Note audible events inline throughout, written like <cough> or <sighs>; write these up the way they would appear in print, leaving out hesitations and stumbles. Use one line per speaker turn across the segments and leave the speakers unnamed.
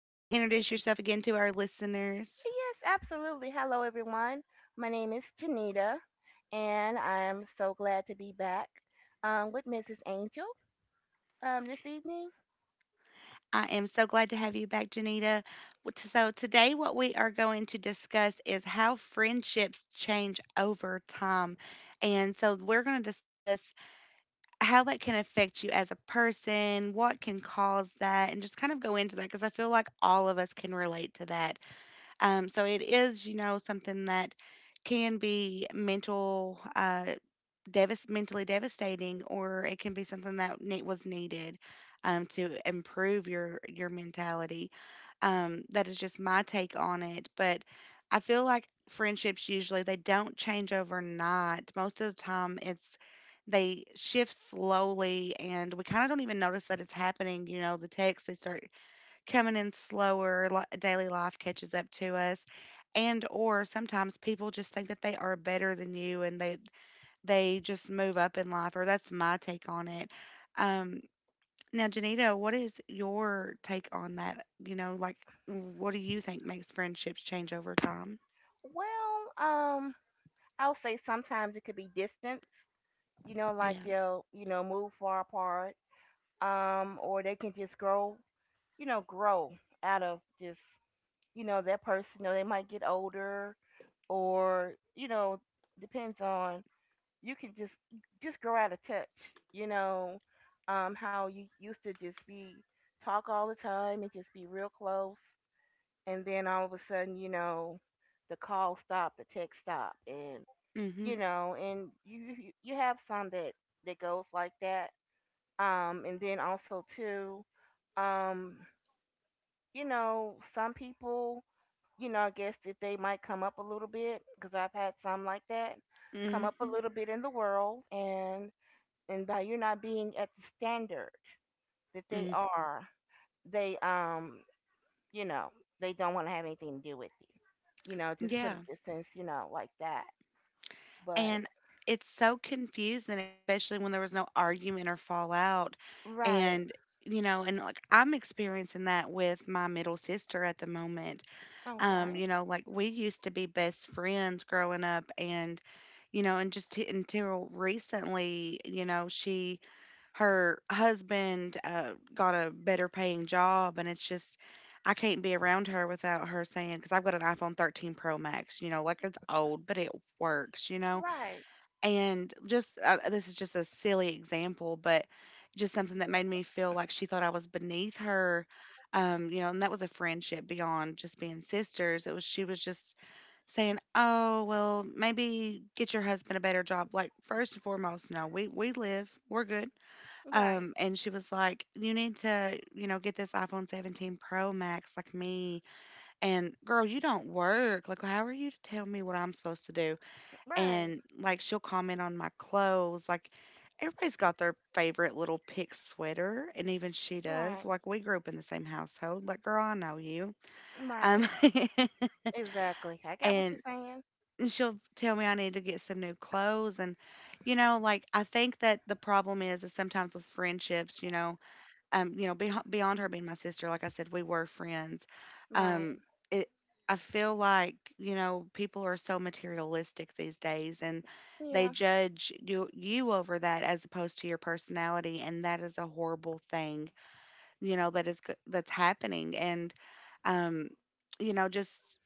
Do you want to introduce yourself again to our listeners?
Yes, absolutely. Hello, everyone. My name is Janita, and I'm so glad to be back with Mrs. Angel this evening.
I am so glad to have you back, Janita. So, today, what we are going to discuss is how friendships change over time. And so, we're going to discuss how that can affect you as a person, what can cause that, and just kind of go into that because I feel like all of us can relate to that. So it is, you know, something that can be mentally devastating, or it can be something that was needed to improve your mentality. That is just my take on it, but I feel like friendships usually they don't change overnight. Most of the time, it's they shift slowly, and we kind of don't even notice that it's happening. You know, the texts, they start coming in slower, daily life catches up to us. And or sometimes people just think that they are better than you, and they just move up in life, or that's my take on it. Um, Now, Janita, what is your take on that? You know, like, what do you think makes friendships change over time?
Well, I'll say sometimes it could be distance, you know, like
Yeah.
they'll, you know, move far apart, or they can just grow, you know, grow out of just, you know, that person. You know, they might get older, or, you know, depends on you can just grow out of touch. You know, how you used to just be talk all the time and just be real close, and then all of a sudden, you know, the call stop, the text stop, and
Hmm.
you know, and you have some that goes like that. And then also too, um, you know, some people, you know, I guess that they might come up a little bit because I've had some like that come up a
Hmm.
little bit in the world and by you not being at the standard that they
Hmm.
are, they you know, they don't want to have anything to do with you. You know, just put
Yeah.
a distance, you know, like that. But
And it's so confusing, especially when there was no argument or fallout.
right,
And, you know, and like, I'm experiencing that with my middle sister at the moment.
okay,
You know, like, we used to be best friends growing up, and you know, and just until recently, you know, she, her husband got a better paying job, and it's just, I can't be around her without her saying, because I've got an iPhone 13 Pro Max, you know, like it's old, but it works, you know,
right,
and just this is just a silly example, but just something that made me feel like she thought I was beneath her. You know, and that was a friendship beyond just being sisters. It was, she was just saying, "Oh, well, maybe get your husband a better job." Like, first and foremost, no, we live, we're good.
right,
And she was like, "You need to, you know, get this iPhone 17 Pro Max like me." And girl, you don't work. Like, how are you to tell me what I'm supposed to do?
right,
And like, she'll comment on my clothes. Like, everybody's got their favorite little pink sweater, and even she
right,
does. Like, we grew up in the same household. Like, girl, I know you. Um,
right,
<laughs>
exactly. I got what you're
and
saying.
she'll tell me I need to get some new clothes, and you know, like, I think that the problem is sometimes with friendships, you know, you know, beyond her being my sister, like I said, we were friends.
Right,
Um, it, I feel like, you know, people are so materialistic these days, and they
yeah,
judge you over that as opposed to your personality. And that is a horrible thing, you know, that that's happening. Um, you know, just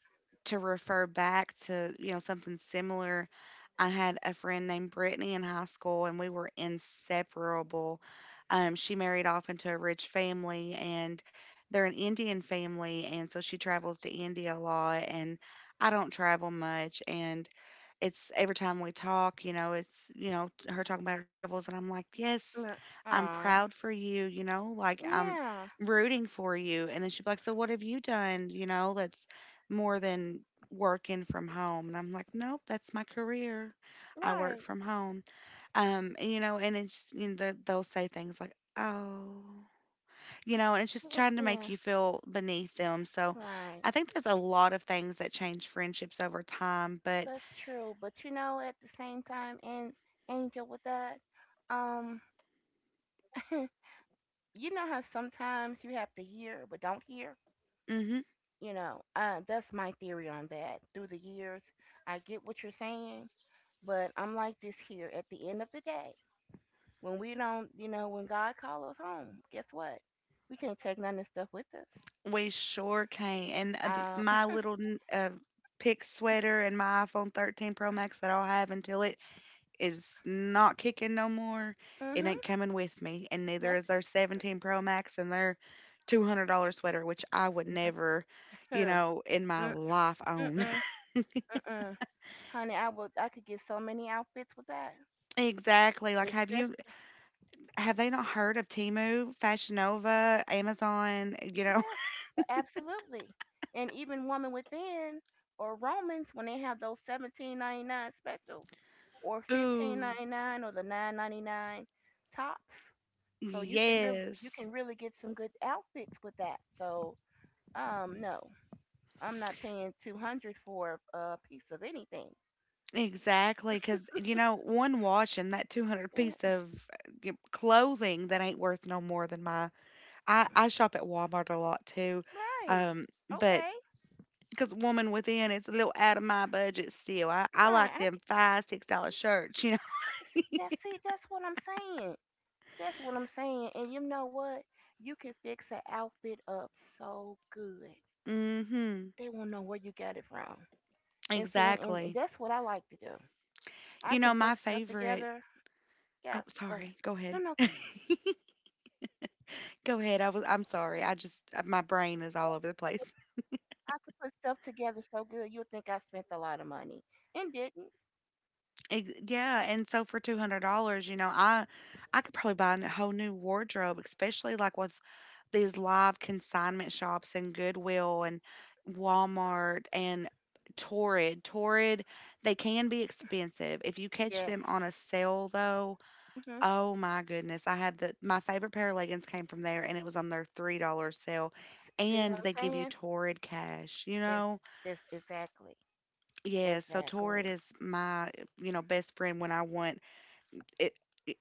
to refer back to, you know, something similar, I had a friend named Brittany in high school and we were inseparable. She married off into a rich family, and they're an Indian family. And so, she travels to India a lot, and I don't travel much. And it's every time we talk, you know, it's, you know, her talking about her travels. And I'm like, yes,
uh,
I'm
aw,
proud for you, you know, like, I'm
yeah,
rooting for you. And then she'd be like, so what have you done? You know, let's more than working from home. And I'm like, nope, that's my career. I work
right,
from home. And, you know, and it's, you know, they'll say things like, oh, you know, and it's just
mm,
trying to make
yeah,
you feel beneath them. So
right.
I think there's a lot of things that change friendships over time, but
That's true. But you know, at the same time, and Angel, with that, um. You know how sometimes you have to hear but don't hear?
hmm.
You know, that's my theory on that. Through the years, I get what you're saying, but I'm like this here. At the end of the day, when we don't, you know, when God calls us home, guess what? We can't take none of this stuff with us.
We sure can. And
Uh,
my
<laughs>
little pink sweater and my iPhone 13 Pro Max that I'll have until it is not kicking no more. It
mhm.
ain't coming with me, and neither
That's
is their 17 Pro Max and their $200 sweater, which I would never,
<laughs> huh.
you know, in my
Mm,
life own.
mm-mm, mm-mm. Honey, I could get so many outfits with that,
<laughs> Exactly. Like,
especially
have they not heard of Temu, Fashion Nova, Amazon? You know,
yes, absolutely. And even Woman Within or Romans, when they have those 17.99 specials or
<laughs>
fifteen
ooh,
ninety nine or the 9.99 tops, so you can really
yes.
get some good outfits with that. So no, I'm not paying 200 for a piece of anything.
Exactly, because you know, one wash and that 200
Eh,
piece of clothing that ain't worth no more than my— I shop at Walmart a lot too,
right?
but
Okay.
because Woman Within is a little out of my budget still. I
Right.
like them $5 $6 shirts, you know.
See, that's see that's what I'm saying. That's what I'm saying. And you know what? You can fix an outfit up so good.
<laughs> Mm. Mhm.
They won't know where you got it from. And see, and
Exactly.
that's what I like to do. I
You know
can
my
put stuff
favorite.
together. Yeah,
Oh,
go ahead.
sorry. Go ahead.
No, no,
<laughs>
go ahead.
Go ahead. I was. I'm sorry. I just my brain is all over the place.
I could put stuff together so good you'd think I spent a lot of money and didn't.
Ex Yeah, and so for $200, you know, I could probably buy a whole new wardrobe, especially like with these live consignment shops and Goodwill and Walmart and Torrid. Torrid, they can be expensive. If you catch
Yes.
them on a sale though,
Hmm.
oh my goodness. I had the my favorite pair of leggings came from there and it was on their $3 sale.
See what
And they
I'm
give you
saying?
Torrid cash, you
It's,
know?
it's exactly,
Yes, so Torrid
exactly.
is my, you know, best friend when I want it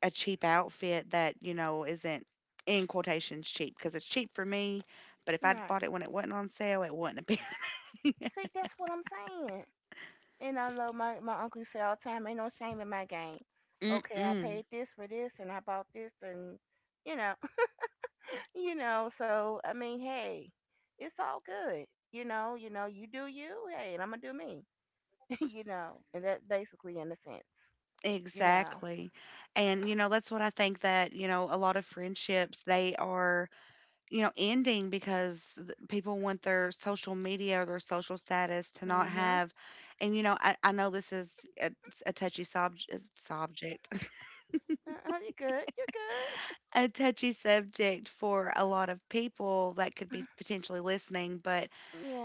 a cheap outfit that you know isn't in quotations cheap, because it's cheap for me. But if I'd
Right.
bought it when it wasn't on sale, it wouldn't have
See, that's what I'm saying. And I know my uncle say all the time, ain't no shame in my game.
been. <laughs>
Okay, I
Mm-mm.
paid this for this and I bought this and you know, <laughs> you know, so, I mean, hey, it's all good. You know, you do you, hey, and I'm gonna do me, <laughs> you know, and that basically in a sense, you know.
Exactly. And, you know, that's what I think, that, you know, a lot of friendships, they are, you know, ending because people want their social media or their social status to not
Mm-hmm.
have. And, you know, I know this is a touchy subject, subject
Uh-uh, you're good. You're good.
a touchy subject for a lot of people that could be potentially listening. But,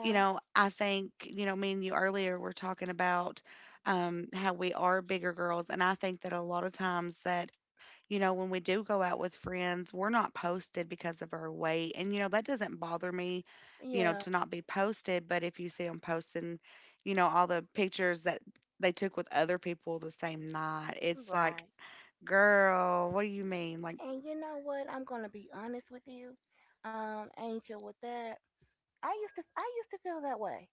you know, I think, you know, me and you earlier were talking about how we are bigger girls. And I think that a lot of times that, you know, when we do go out with friends, we're not posted because of our weight. And, you know, that doesn't bother me, you know,
Yeah.
to not be posted. But if you see them posting, you know, all the pictures that they took with other people the same night, it's like,
Right.
girl, what do you mean? Like,
And you know what? I'm gonna be honest with you, Angel. With that, I used to feel that way.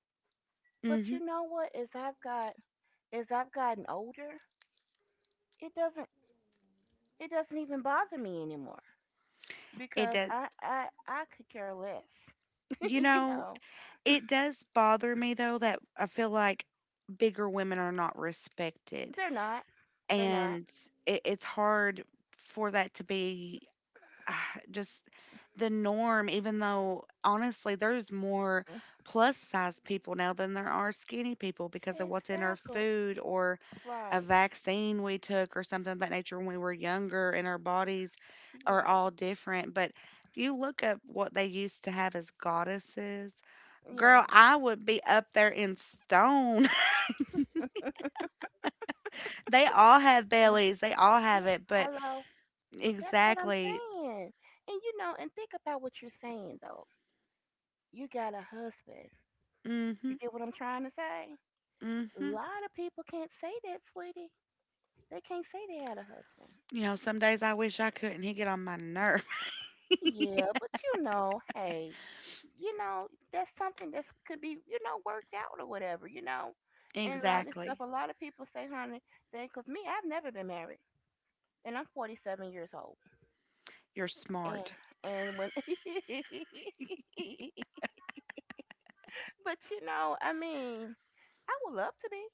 But
mm-hmm.
you know what? As I've gotten older, it doesn't it doesn't even bother me anymore
It
because
does.
I could care less. <laughs>
You
You
know,
know,
it does bother me though, that I feel like bigger women are not respected,
they're not. They're not.
and it's hard for that to be just the norm. Even though honestly, there's more plus size people now than there are skinny people because of what's in our
Exactly.
food or a
Right.
vaccine we took or something of that nature when we were younger, and our bodies are
Right.
all different. But you look up what they used to have as goddesses—
Yeah.
girl, I would be up there in stone. <laughs> They all have
Mm,
bellies. They all have
yeah,
it, but
hello. That's what I'm
exactly.
saying. And you know, and think about what you're saying though. You got a husband.
Mm.
You
Mhm.
get what I'm trying to say?
Mm.
A
Mhm.
lot of people can't say that, sweetie. They can't say they had a husband.
You know, some days I wish I couldn't. He get on my nerve. <laughs>
Yeah, but you know, hey, you know, that's something that could be, you know, worked out or whatever, you know. And a lot of stuff,
Exactly.
a lot of people say, honey, they, because me, I've never been married. And I'm 47 years old.
You're
And,
smart.
and when, <laughs> but you know, I mean, I would love to be,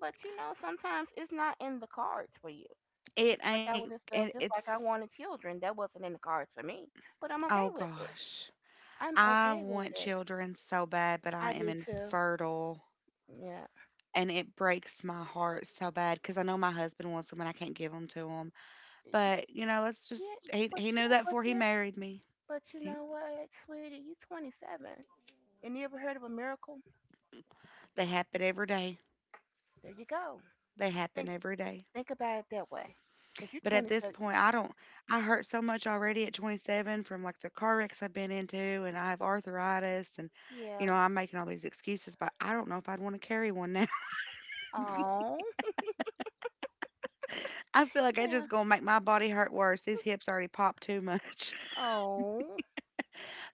but you know, sometimes it's not in the cards for you.
It
Just like
ain't
I was
it,
just like
it's
I wanted children, that wasn't in the cards for me. But I'm
Oh
okay with it.
gosh.
I'm
I
okay with
want
it.
children so bad, but
I
I am
do too.
infertile.
Yeah,
And it breaks my heart so bad because I know my husband wants them and I can't give them to him. But, you know, let's
yeah,
just,
but
he knew
yeah,
that
but
before he
yeah,
married me.
but you
He—
know what, sweetie, you 27, and you ever heard of a miracle?
They happen every day.
There you go.
They happen
Think
every day.
think about it that way, cause you're
But at this
27.
point, I don't, I hurt so much already at 27 from like the car wrecks I've been into, and I have arthritis, and, you
Yeah.
know, I'm making all these excuses, but I don't know if I'd want to carry one now.
Oh.
<laughs> I feel like I
Yeah.
just gonna make my body hurt worse. These hips already popped too much. <laughs>
Oh.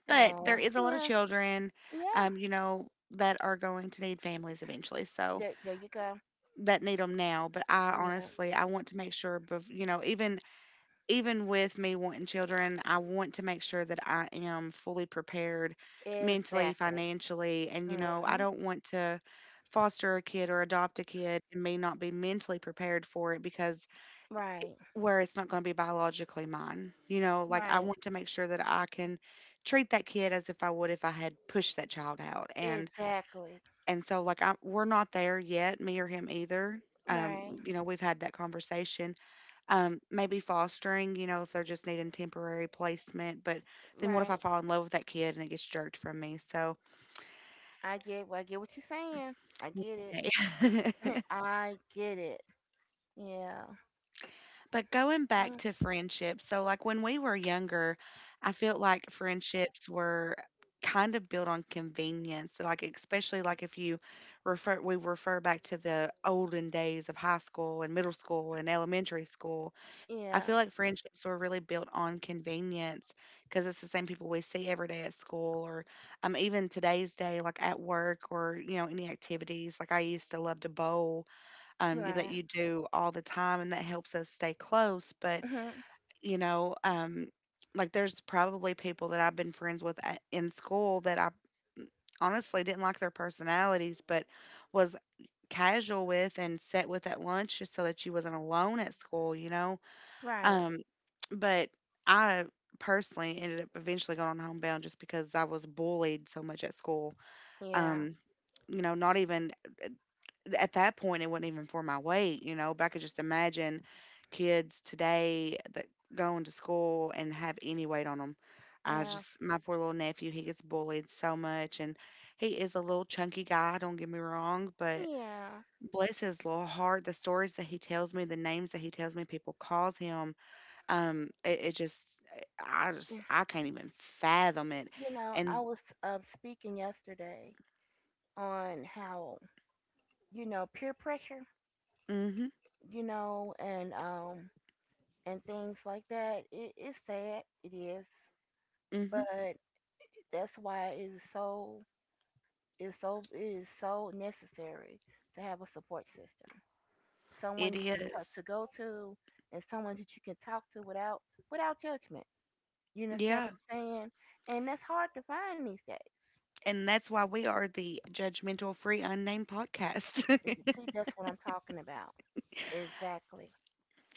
But
Oh.
there is a lot of
Yeah.
children,
Yeah.
you know, that are going to need families eventually. So
There you go.
that need them now. But I
Yeah.
honestly, I want to make sure, you know, even even with me wanting children, I want to make sure that I am fully prepared mentally,
Exactly.
financially, and you
Hmm.
know, I don't want to foster a kid or adopt a kid and me not be mentally prepared for it because
Right.
where it's not going to be biologically mine. You know, like, I
Right.
want to make sure that I can treat that kid as if I would if I had pushed that child out.
Exactly.
And so like, I we're not there yet, me or him either.
Right.
We've had that conversation maybe fostering, you know, if they're just needing temporary placement, but then what if I
Right.
fall in love with that kid and it gets jerked from me? So,
I get what you're saying. I
<laughs> one.
get it. <laughs> I get it. Yeah.
But going back
Mm,
to friendships, so like when we were younger, I felt like friendships were kind of built on convenience. So, like especially like if you refer we refer back to the olden days of high school and middle school and elementary school. I
yeah.
feel like friendships were really built on convenience because it's the same people we see every day at school, or even today's day, like at work or you know any activities. Like I used to love to bowl, that
Right.
you do all the time, and that helps us stay close. But
Mhm.
you know, like there's probably people that I've been friends with in school that I honestly didn't like their personalities, but was casual with and sat with at lunch just so that you wasn't alone at school. You know,
Right.
um, but I personally ended up eventually going on homebound just because I was bullied so much at school.
Yeah.
Um, Not even at that point, it wasn't even for my weight, you know, but I could just imagine kids today that, going to school and have any weight on them. I
Yeah.
just, my poor little nephew, he gets bullied so much, and he is a little chunky guy, don't get me wrong, but
Yeah.
bless his little heart, the stories that he tells me, the names that he tells me people calls him. It just I just,
Yeah.
I can't even fathom it.
You know, I
And
was speaking yesterday on how you know peer pressure.
mm mhm,
You know, and things like that. It is sad. It is.
mm mhm,
But that's why it's so it is so necessary to have a support system,
it
someone you can talk to
is,
go to, and someone that you can talk to without judgment. You understand
yeah.
what I'm saying? And that's hard to find these days.
And that's why we are the Judgmental Free Unnamed Podcast.
And
<laughs>
see, that's what I'm talking about. Exactly.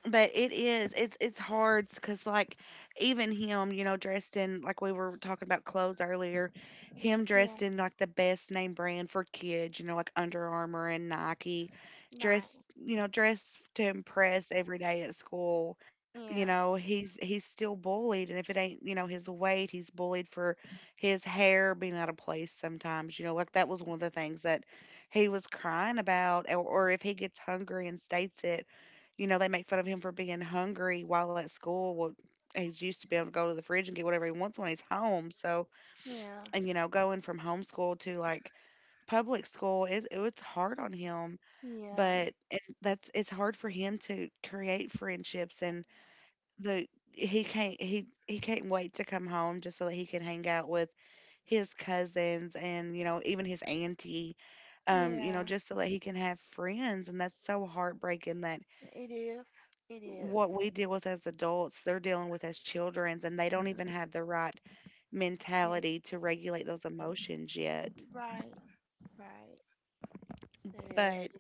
But it is. It's hard because like even him, you know, dressed in, like we were talking about clothes earlier, him
Yeah.
dressed in like the best name brand for kids, you know, like Under Armour and Nike,
Right.
dressed, you know, dressed to impress every day at school. You
Yeah.
know, he's still bullied, and if it ain't, you know, his weight, he's bullied for his hair being out of place sometimes. You know, like that was one of the things that he was crying about, or if he gets hungry and states it, you know, they make fun of him for being hungry while at school. Well, he's used to be able to go to the fridge and get whatever he wants when he's home. So,
Yeah.
and you know, going from homeschool to like public school, it was hard on him.
Yeah.
But and that's, it's hard for him to create friendships, and the, he he can't wait to come home just so that he can hang out with his cousins and you know even his auntie, you
Yeah.
know, just so that he can have friends. And that's so heartbreaking that
It is. It is.
what we deal with as adults, they're dealing with as childrens, and they don't
Mm,
even have the right
yeah.
mentality to regulate those emotions yet.
Right. Right. It is.
But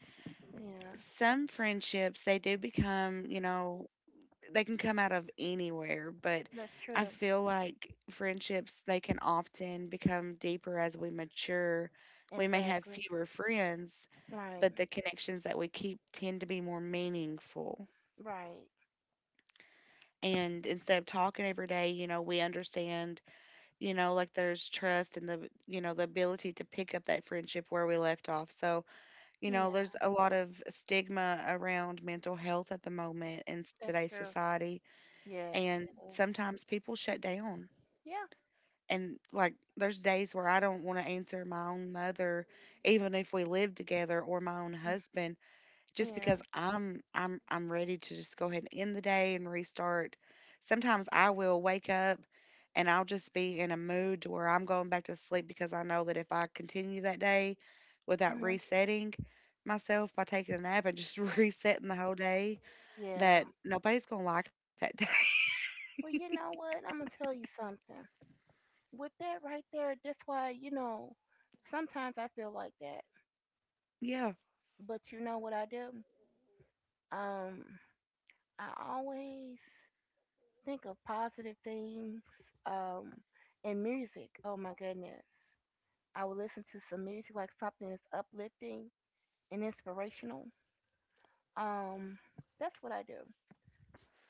Yeah.
some friendships, they do become, you know, they can come out of anywhere, but
That's
I
true.
feel like friendships, they can often become deeper as we mature. We may have
Exactly.
fewer friends,
Right.
but the connections that we keep tend to be more meaningful.
Right.
And instead of talking every day, you know, we understand, you know, like there's trust and the, you know, the ability to pick up that friendship where we left off. So you
Yeah,
know, there's a lot of stigma around mental health at the moment in
that's
today's
true.
society,
Yes.
and
Yes.
sometimes people shut down.
Yeah.
And like there's days where I don't want to answer my own mother, even if we live together, or my own
Mm,
husband, just
yeah.
because I'm ready to just go ahead and end the day and restart. Sometimes I will wake up and I'll just be in a mood to where I'm going back to sleep, because I know that if I continue that day without
Hmm.
resetting myself by taking a nap and just <laughs> resetting the whole day,
Yeah.
that nobody's gonna like me that day. <laughs>
Well, you know what? I'm gonna tell you something. With that right there, that's why you know. Sometimes I feel like that,
Yeah.
but you know what I do? Um, I always think of positive things. Um, and music. Oh my goodness. I will listen to some music like something that's uplifting and inspirational. Um, that's what I do.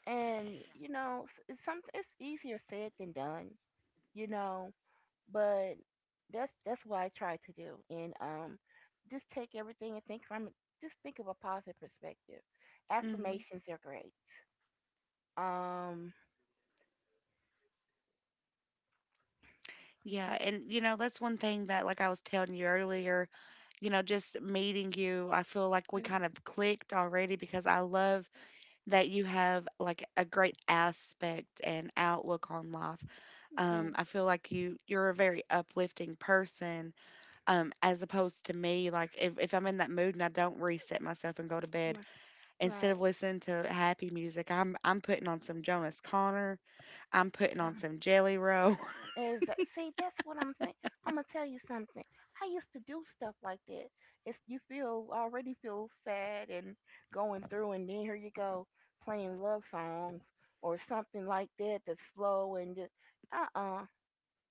And you know, it's some it's easier said than done, you know, but that's what I try to do. And just take everything and think from it. Just think of a positive perspective.
Hmm.
Affirmations are great. Um,
Yeah, and you know, that's one thing that like I was telling you earlier, you know, just meeting you, I feel like we kind of clicked already because I love that you have like a great aspect and outlook on life.
yeah,
I feel like you're a very uplifting person, as opposed to me. Like if I'm in that mood and I don't reset myself and go to bed,
my-
instead
right.
of listening to happy music, I'm putting on some Jonas Connor, I'm putting on some Jelly Roll.
Is see, that's what I'm saying. I'm gonna tell you something. I used to do stuff like that. It's you feel already feel sad and going through, and then here you go playing love songs or something like that that's slow and just uh uh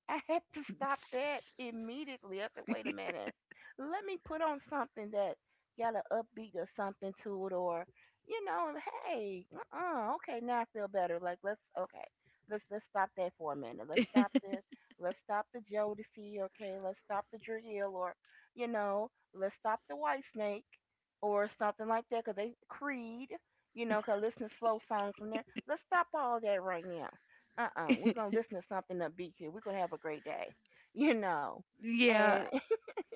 I had to stop that immediately. I said, wait a minute. Let me put on something that got an upbeat or something to it, or you know, and hey, uh-uh, okay, now I feel better. Like let's okay, let's stop that for a minute. Let's stop the Jodeci, okay, let's stop the Drill, or you know, let's stop the White Snake or something like that, 'cause they Creed, you know, 'cause I listen to slow songs from there. Let's stop all that right now, uh-uh, we're
<laughs>
gonna listen to something upbeat here, we're gonna have a great day. <laughs> You know,
Yeah,
and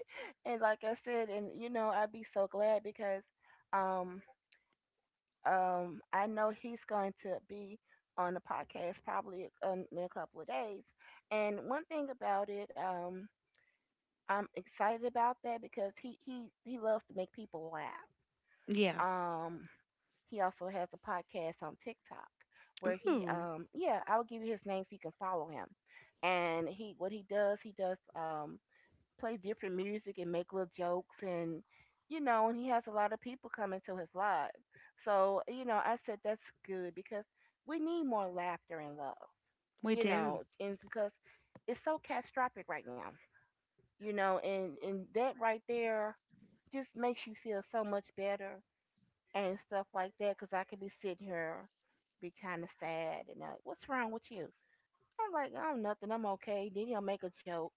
<laughs> and like I said, and you know, I'd be so glad because um I know he's going to be on the podcast probably in a couple of days, and one thing about it, I'm excited about that because he loves to make people laugh.
yeah.
um He also has a podcast on TikTok where he,
Ooh,
yeah, I'll give you his name so you can follow him. And he, what he does play different music and make little jokes, and you know, and he has a lot of people coming to his live. So you know, I said that's good because we need more laughter and love,
we
you
do.
know, and because it's so catastrophic right now, you know, and that right there just makes you feel so much better and stuff like that because I could be sitting here, be kind of sad and like, what's wrong with you? I'm like, oh, nothing. I'm okay. Then he'll make a joke,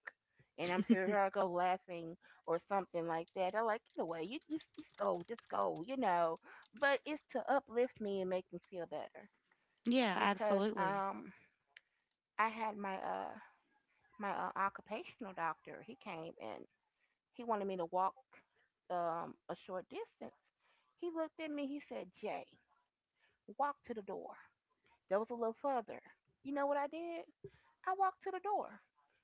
and I'm here. Here I go laughing or something like that. I'm like, get away. You just, just go. You know. But it's to uplift me and make me feel better
Yeah,
because
absolutely.
I had my occupational doctor. He came and he wanted me to walk a short distance. He looked at me. He said, Jay, walk to the door. That was a little further. You know what I did? I walked to the door.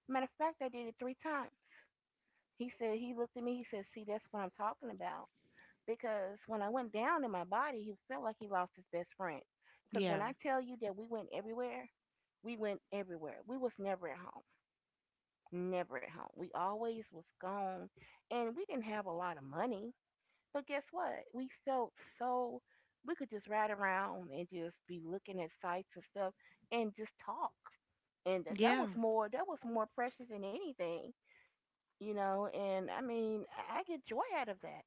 Matter of fact, I did it 3 times. He said, he looked at me, he said, see, that's what I'm talking about. Because when I went down in my body, he felt like he lost his best friend. Because when
Yeah,
I tell you that we went everywhere, we went everywhere. We was never at home. Never at home. We always was gone. And we didn't have a lot of money. But guess what? We felt so we could just ride around and just be looking at sights and stuff and just talk. And that, that
yeah.
was more that was more precious than anything, And I mean, I get joy out of that.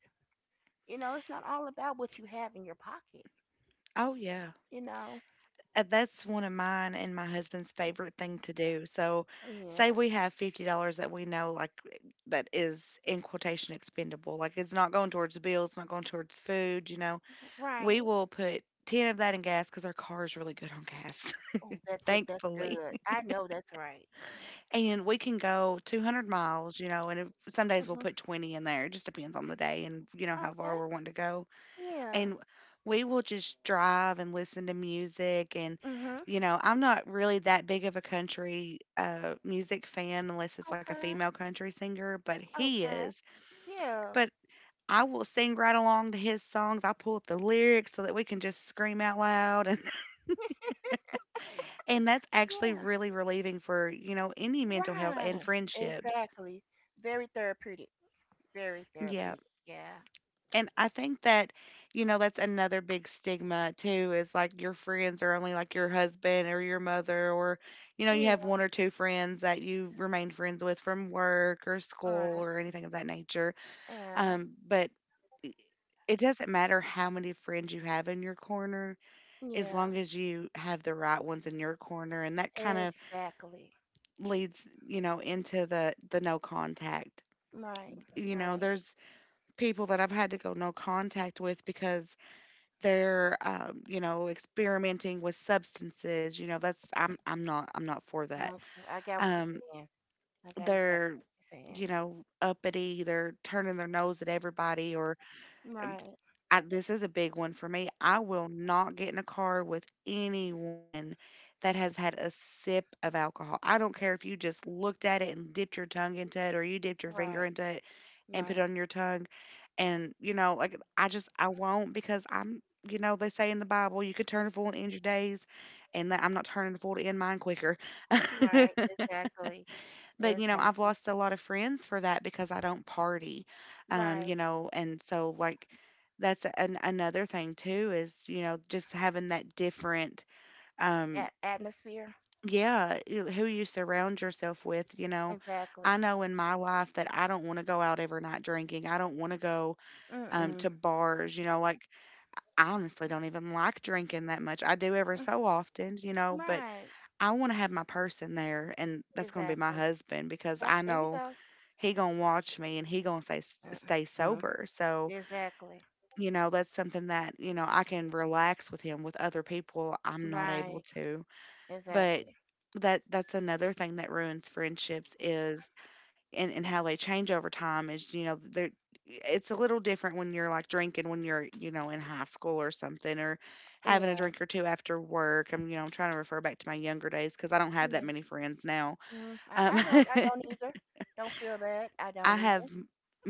You know, it's not all about what you have in your pocket.
Oh, yeah.
You know.
That's one of mine and my husband's favorite thing to do. So, say
Yeah.
we have $50 that we know, like, that is in quotation expendable. Like, it's not going towards bills, not going towards food, you know. We
Right.
will put 10 of that in gas because our car is really good on gas,
Oh, that
<laughs>
look. That's
thankfully.
good. I know that's right.
And we can go 200 miles, you know, and if, some days we'll
Mhm.
put 20 in there. It just depends on the day and, you know, how
Okay.
far we're wanting to go,
Yeah.
and we will just drive and listen to music. And
Mhm.
you know, I'm not really that big of a country music fan, unless it's like a
Okay.
female country singer, but he
Okay.
is.
Yeah.
But I will sing right along to his songs, I'll pull up the lyrics so that we can just scream out loud, and <laughs> and that's actually
Yeah.
really relieving for you know any mental health and
Right.
friendships.
Exactly. Very therapeutic. Very
Yeah.
therapeutic. Yeah.
And I think that, you know, that's another big stigma too, is like your friends are only like your husband or your mother, or, you know, you
Yeah.
have one or two friends that you remain friends with from work or
All
school
right.
or anything of that nature.
Yeah.
But i- it doesn't matter how many friends you have in your corner, as
Yeah.
long as you have the right ones in your corner. And that kind of
Exactly.
leads, you know, into the no contact.
Right.
You know,
Right.
there's people that I've had to go no contact with because they're, you know, experimenting with substances. You know, that's, I'm not for that.
Okay. I got what you're
um
saying. I got exactly
they're,
what you're saying.
you know, uppity, they're turning their nose at everybody, or,
Right.
I, this is a big one for me. I will not get in a car with anyone that has had a sip of alcohol. I don't care if you just looked at it and dipped your tongue into it, or you dipped your finger
Right.
into it and put it
Right.
on your tongue. And, you know, like I just, I won't because I'm, you know, they say in the Bible, you could turn a fool and end your days. And that, I'm not turning a fool to end mine quicker. <laughs>
Right. Exactly.
But, you know, I've
Exactly.
lost a lot of friends for that because I don't party. You
Right.
know, and so like that's an, another thing too, is, you know, just having that different um
Atmosphere.
yeah, who you surround yourself with, you know.
Exactly.
I know in my life that I don't want to go out every night drinking. I don't want to go
Mm-mm.
to bars, you know, like I honestly don't even like drinking that much. I do ever
Mm.
so often, you know, but
Right.
I want to have my person there, and that's going to be my
Exactly.
husband, because
That's
I
there you
know
go.
he gonna watch me and he gonna say stay
Mm-mm.
sober. So
Exactly.
you know that's something that, you know, I can relax with him, with other people I'm not able
Right.
to. But
Exactly.
that, that's another thing that ruins friendships is, and how they change over time is, you know, they're, it's a little different when you're like drinking when you're, you know, in high school or something, or having a
Yeah.
drink or two after work. I'm, you know, I'm trying to refer back to my younger days because I don't have that
Yeah.
many friends now.
Mm, I,
um,
I don't. I don't
<laughs>
either. Don't feel that. I don't
I
either.
have m-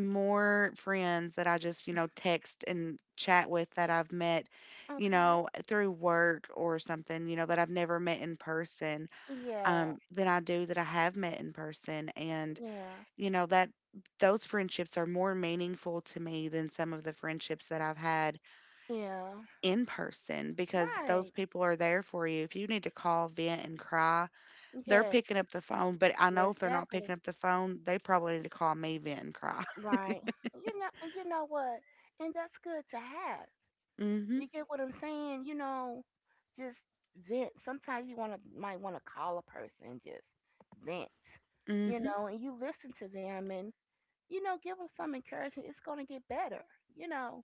More friends that I just, you know, text and chat with that I've met, you
Okay.
know, through work or something, you know, that I've never met in person,
Yeah.
than I do that I have met in person. And,
Yeah.
you know, that, those friendships are more meaningful to me than some of the friendships that I've had
Yeah.
in person, because those
Right.
people are there for you. If you need to call, vent, and cry, they're
Yes.
picking up the phone. But I know if they're not picking
Exactly.
up the phone, they probably need to call me, vent, and cry.
Right. You know. You know what? And that's good to have. You
<laughs>
get what I'm saying? You know, just vent. Sometimes you wanna might wanna call a person and just vent. You
Mhm.
know, and you listen to them and you know give them some encouragement. It's gonna get better. You know.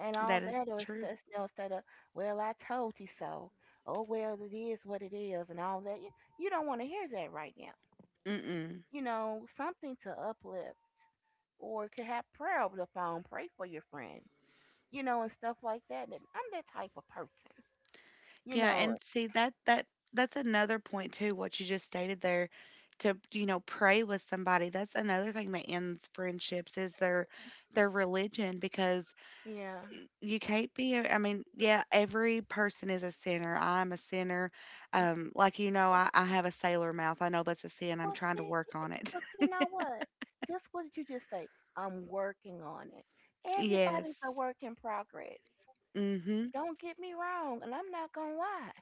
And
That
all
is
that or
true.
just instead of, well, I told you so. Oh, well, it is what it is, and all that. You don't want to hear that right now.
Mm-mm.
You know, something to uplift, or could have prayer over the phone, pray for your friend, you know, and stuff like that. And I'm that type of person, you
Yeah,
know.
and see that that's another point too, what you just stated there, to, you know, pray with somebody. That's another thing that ends friendships is their religion because
Yeah.
you can't be a- I mean, yeah, every person is a sinner. I'm a sinner. Um, like you know,
Well,
I, I have a sailor mouth. I know that's a sin. I'm
well,
trying to
see,
work on it.
but you
<laughs>
know what? Just what did you just say? I'm working on it. Everybody's a
Yes.
work in progress.
Mm-hmm.
Don't get me wrong, and I'm not gonna lie.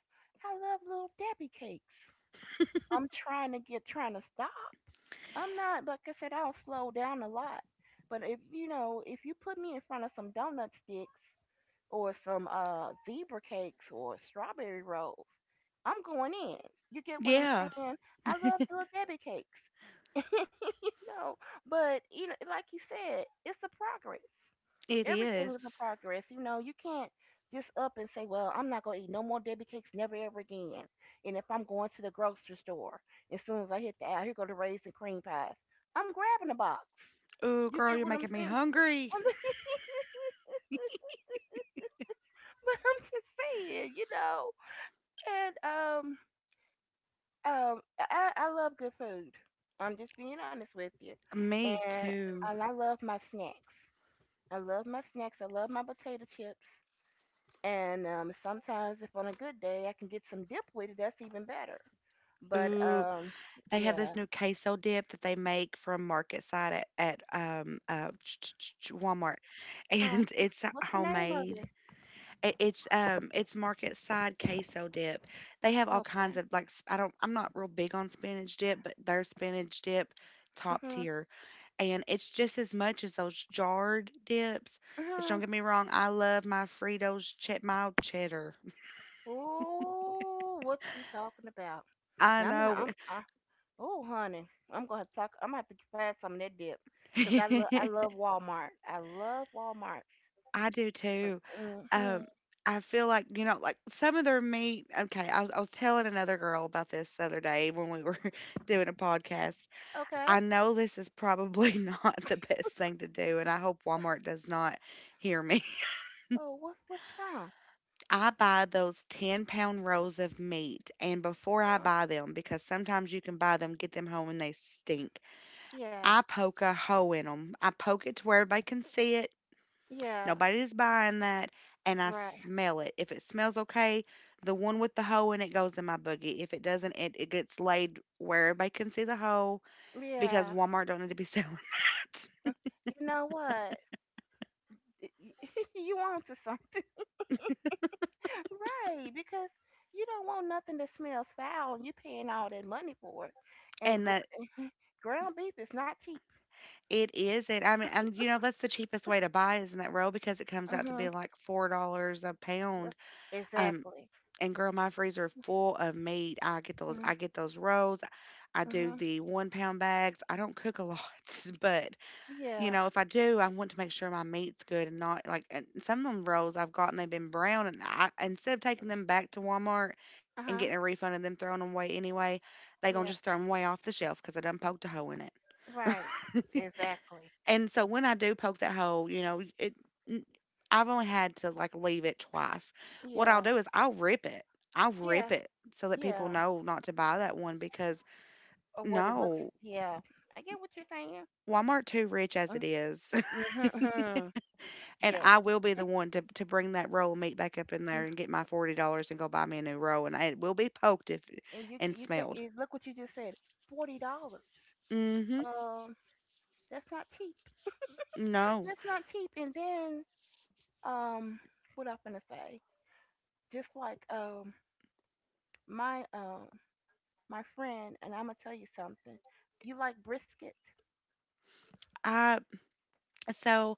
I love little Debbie cakes. I'm trying to get trying to stop. I'm not like I said, I don't slow down a lot. But if you put me in front of some donut sticks or some zebra cakes or strawberry rolls, I'm going in. You get what I'm
Yeah,
saying? I love the little Debbie cakes. No, but you know, like you said, it's a progress.
it
Everything
is.
is a progress. You know, you can't just up and say, "Well, I'm not gonna eat no more Debbie cakes, never ever again." And if I'm going to the grocery store, as soon as I hit the aisle, here go the raisin cream pies. I'm grabbing a box.
Oh,
You
girl,
get
you're
what I'm
making me
saying? <laughs>
hungry.
I mean, but I'm just saying, you know. And I love good food. I'm just being honest with you,
Me
and
too.
and I love my snacks. I love my snacks. I love my potato chips. And Sometimes, if on a good day, I can get some dip with it. That's even better. But
Ooh, they have this
yeah.
new queso dip that they make from market side at Walmart, <laughs>
Oh,
and it's
what's the name of
homemade.
it?
It's market side queso dip. They have all kinds
Okay.
of I'm not real big on spinach dip, but their spinach dip top
Mhm.
tier, and it's just as much as those jarred dips. Which don't
Mhm.
get me wrong, I love my Fritos chet mild cheddar.
Ooh, what you talking about?
<laughs> I
Now I'm.
know.
I'm. I, oh, honey, I'm gonna have to talk. I'm gonna have to find some of that dip, cause I love. I
<laughs>
love Walmart. I love Walmart.
I do too.
Mhm.
Um, I feel like, you know, like some of their meat. Okay, I was telling another girl about this the other day when we were <laughs> doing a podcast.
Okay.
I know this is probably <laughs> not the best thing to do, and I hope Walmart does not hear me. <laughs>
Oh, what? What's wrong?
I buy those 10-pound rolls of meat, and before I buy them, because sometimes you can buy them, get them home, and they stink,
Yeah.
I poke a hole in them. I poke it to where everybody can see it.
Yeah.
Nobody's buying that, and I
Right.
smell it. If it smells okay, the one with the hole in it goes in my boogie. If it doesn't, it gets laid where everybody can see the hole because
Yeah.
Walmart don't need to be <laughs> selling that.
You know what? <laughs> You on to something. <laughs> Right, because you don't want nothing that smells foul and you're paying all that money for it. And
And that
gr- <laughs> ground beef is not cheap.
it is it. I mean, and you know that's the cheapest way to buy is in that row because it comes out to
Uh-huh.
be like $4 a pound. Um,
Exactly.
and girl, my freezer is full of meat.
Mm,
I get those rolls. I do
Uh-huh.
the 1 pound bags. I don't cook a lot, <laughs> but you
Yeah.
know, if I do, I want to make sure my meat's good, and not like — and some of them rolls I've gotten, they've been brown, and I instead of taking them back to Walmart and getting
Uh-huh.
a refund and them throwing them away anyway, they gonna
Yeah.
just throw them away off the shelf because I done poked a hole in it.
Right.
<laughs>
Exactly.
And so when I do poke that hole, you know, n- I've only had to like leave it twice. What I'll
Yeah.
do is I'll rip it. I'll rip
Yeah.
it so that people
Yeah.
know not to buy that one because
Or what it looks.
no,
Yeah. I get what you're saying.
Walmart too rich as
Mm,
it is.
Mm-hmm.
And
Yes.
I will be the one to bring that roll of meat back up in
Mm.
there and get my $40 and go buy me a new roll, and it will be poked if
And you
and
you get
smelled.
it, look what you just said. $40.
Mm. Mhm.
Um. That's not cheap.
No.
That's not cheap. And then, um, what I'm gonna say, just like my um my friend, and I'm gonna tell you something. You like brisket?
I so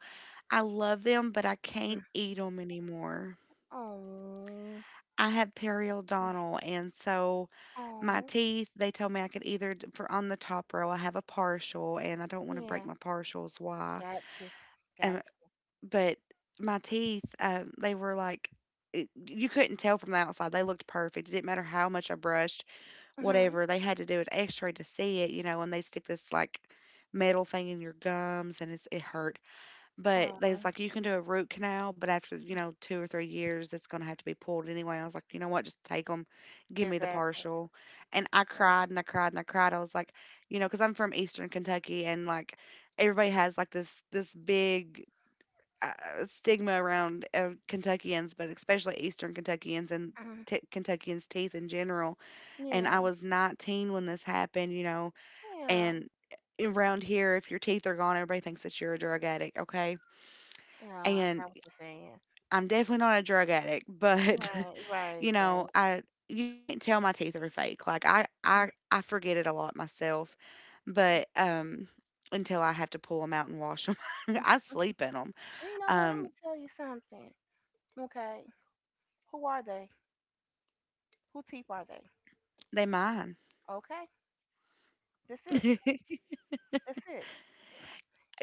I love them, but I can't
Mm.
eat them anymore.
Oh,
I have periodontal,
<laughs>
and so my
oh,
teeth, they told me I could either for on the top row, I have a partial, and I don't want to
yeah.
break my partials. Why?
Gotcha,
Um,
gotcha.
but my teeth, they were like, you couldn't tell from the outside. They looked perfect. It didn't matter how much I brushed.
Mhm.
Whatever, they had to do an x-ray to see it, you know, and they stick this like metal thing in your gums, and it hurt. But they
Oh,
was like, you can do a root canal, but after, you know, 2 or 3 years, it's going to have to be pulled anyway. I was like, you know what, just take them, give me the
exactly.
partial. And I
Right.
cried and I cried and I cried. I was like, you know, because I'm from Eastern Kentucky, and like everybody has like this big, uh, stigma around Kentuckians, but especially Eastern Kentuckians and
Mhm.
Kentuckians' teeth in general, and
Yeah,
I was 19 when this happened, you know,
yeah,
and around here, if your teeth are gone, everybody thinks that you're a drug addict, okay?
yeah. I
And
got what you're saying.
I'm definitely not a drug addict, but
Right,
<laughs> you
right,
know,
right.
I you can't tell my teeth are fake. Like I I
Mm.
I forget it a lot myself, but until I have to pull them out and wash them, <laughs> I sleep in them.
And you know what? I'm
Um,
gonna tell you something. Okay. Who are they? Who teeth are they?
they mine.
Okay. That's
<laughs>
it.
It's
That's it.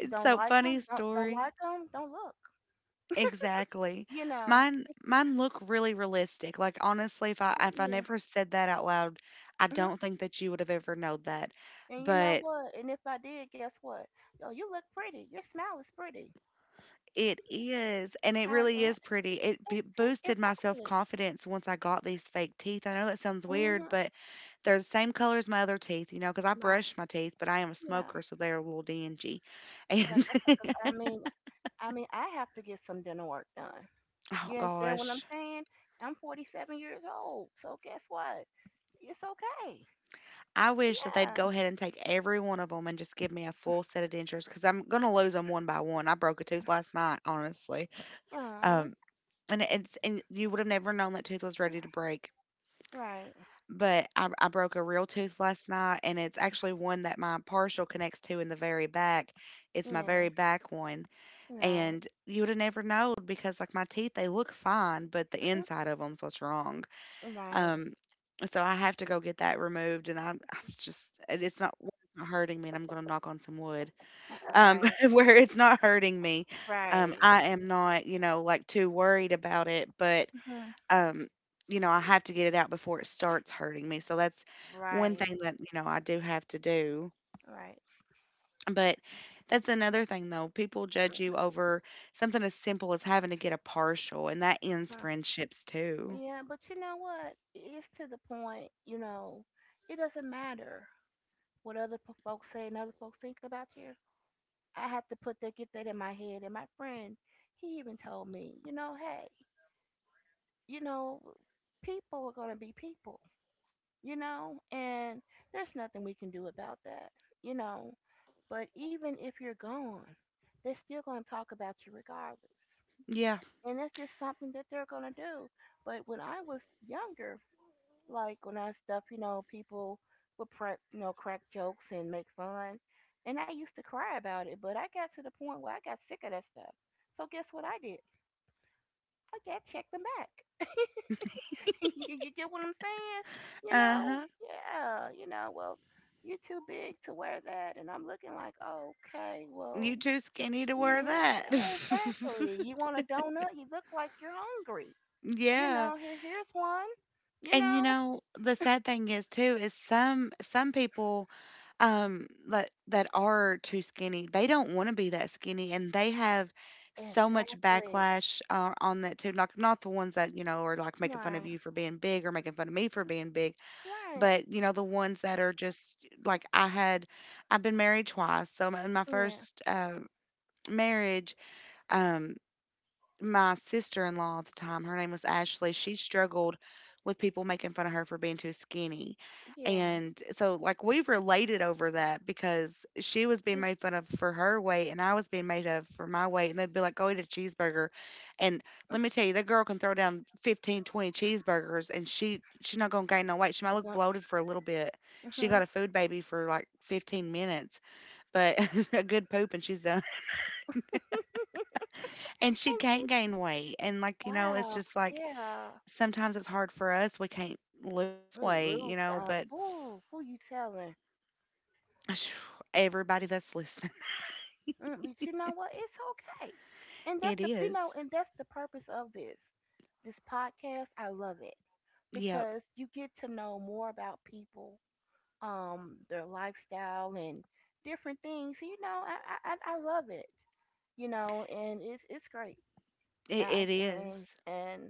Don't
so
like
funny
them. Don't
story.
like them. Don't look.
Exactly.
You know.
Mine look really realistic. Like honestly, if I
Yeah.
never said that out loud, I
hmm
don't think that you would have ever known that.
And you know
But
what? And if I did, guess what? Yo, you look pretty. Your smile is pretty.
it is, and it
How?
really
Yeah.
is pretty. It
It's, see,
boosted my self
exactly.
confidence once I got these fake teeth. I know that sounds weird,
Mhm.
but they're the same color as my other teeth, you know, because I
Like
brush my teeth, but I am a
yeah.
smoker, so they're a little dingy. <laughs>
It's like
And
I said, 'cause I
<laughs>
mean, I mean, I have to get some dinner work done.
oh
You understand what I'm
gosh,
saying? I'm 47 years old. So guess what? It's okay.
I wish that they'd
Yeah.
go ahead and take every one of them and just give me a full set of dentures, 'cause I'm gonna lose them one by one. I broke a tooth last night, honestly.
Oh,
Um, and it's — and you would have never known that tooth was ready to break.
right.
But I broke a real tooth last night, and it's actually one that my partial connects to in the very back. It's my
Yeah.
very back one,
Right.
and you would have never known because, like, my teeth, they look fine, but the inside of 'em's what's wrong.
Right.
Um, So I have to go get that removed, and I'm just — and it's not hurting me, and I'm gonna knock on some wood. Um,
Right,
<laughs> where it's not hurting me,
right,
I am not, you know, like too worried about it, but
mhm,
um, you know, I have to get it out before it starts hurting me. So that's one
right,
thing that you know I do have to do.
right.
But that's another thing though. People judge you over something as simple as having to get a partial, and that ends
Mhm.
friendships too.
Yeah, but you know what? It's to the point, you know, it doesn't matter what folks say and other folks think about you. I have to put that, get that in my head. And my friend, he even told me, you know, hey, you know, people are going to be people, you know, and there's nothing we can do about that, you know. But even if you're gone, they're still going to talk about you regardless.
Yeah.
And that's just something that they're gonna do. But when I was younger, you know, people would prank, you know, crack jokes and make fun, and I used to cry about it. But I got to the point where I got sick of that stuff. So guess what I did? I got checked them back. <laughs> You get what I'm saying? You
Uh
know,
huh.
yeah, you know, well, you're too big to wear that, and I'm looking like, okay, well.
You too skinny to wear
Yeah,
that.
exactly.
<laughs>
You want a donut? You look like you're hungry. You
Yeah.
know, here's one. You
And you
know,
know, the sad thing is too is some people that are too skinny, they don't want to be that skinny, and they have so much
exactly.
backlash on that too. Like not the ones that, you know, are like making fun of
Right,
you for being big or making fun of me for being big,
right,
but you know, the ones that are just like. I've been married twice. So in my
yeah,
first marriage, um my sister-in-law at the time, her name was Ashley, she struggled with people making fun of her for being too skinny.
yeah.
And so like we related over that because she was being made fun of for her weight and I was being made of for my weight, and they'd be like, go eat a cheeseburger, and let me tell you, that girl can throw down 15 20 cheeseburgers, and she's not going to gain no weight. She might look
One,
bloated for a little bit.
mhm.
She got a food baby for like 15 minutes, but <laughs> a good poop and she's done, and she can't
It,
gain weight. And like, you know, it's
wow,
just like
yeah,
sometimes it's hard for us. We can't lose
Ooh,
weight, you
lose
know, but
out. Ooh, who you telling?
<sighs> everybody that's listening,
Mm, but you know what? It's okay, and
<laughs>
that's
it
the
is.
and that's the purpose of this podcast. I love it
Yep,
because you get to know more about people, their lifestyle and different things. You know, I love it. You know, and it's great. And
it, it is.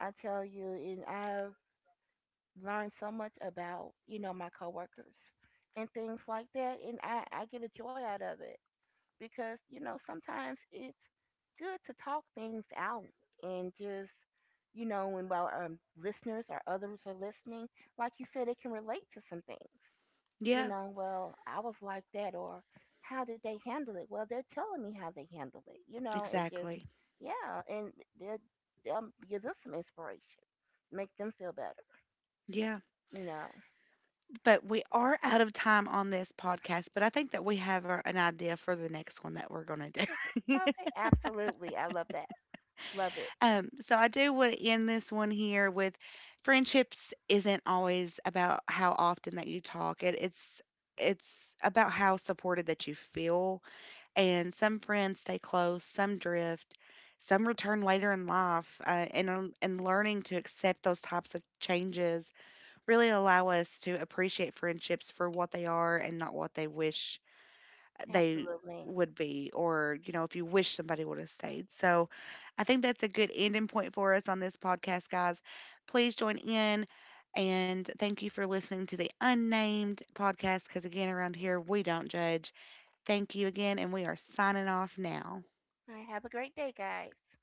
I tell you, and I've learned so much about you know my coworkers and things like that, and I get a joy out of it because you know sometimes it's good to talk things out and just you know when while listeners or others are listening like you said it can relate to some things you
Yeah,
know well I was like that or how did they handle it well they're telling me how they handled it you know and just
exactly.
yeah and they'll, they'll give them some inspiration make them feel better
Yeah,
you know <laughs>
but we are out of time on this podcast, but I think that we have an idea for the next one that we're going to do.
Yeah.
<laughs>
Okay absolutely I love that love it
So I do want to end this one here with: friendships isn't always about how often that you talk. It's about how supported that you feel, and some friends stay close, some drift, some return later in life, and learning to accept those types of changes really allow us to appreciate friendships for what they are and not what they wish they
absolutely
would be, or you know, if you wish somebody would have stayed. So I think that's a good ending point for us on this podcast, guys. Please join in, and thank you for listening to the Unnamed Podcast, because again, around here we don't judge. Thank you again, and we are signing off now.
all right have a great day guys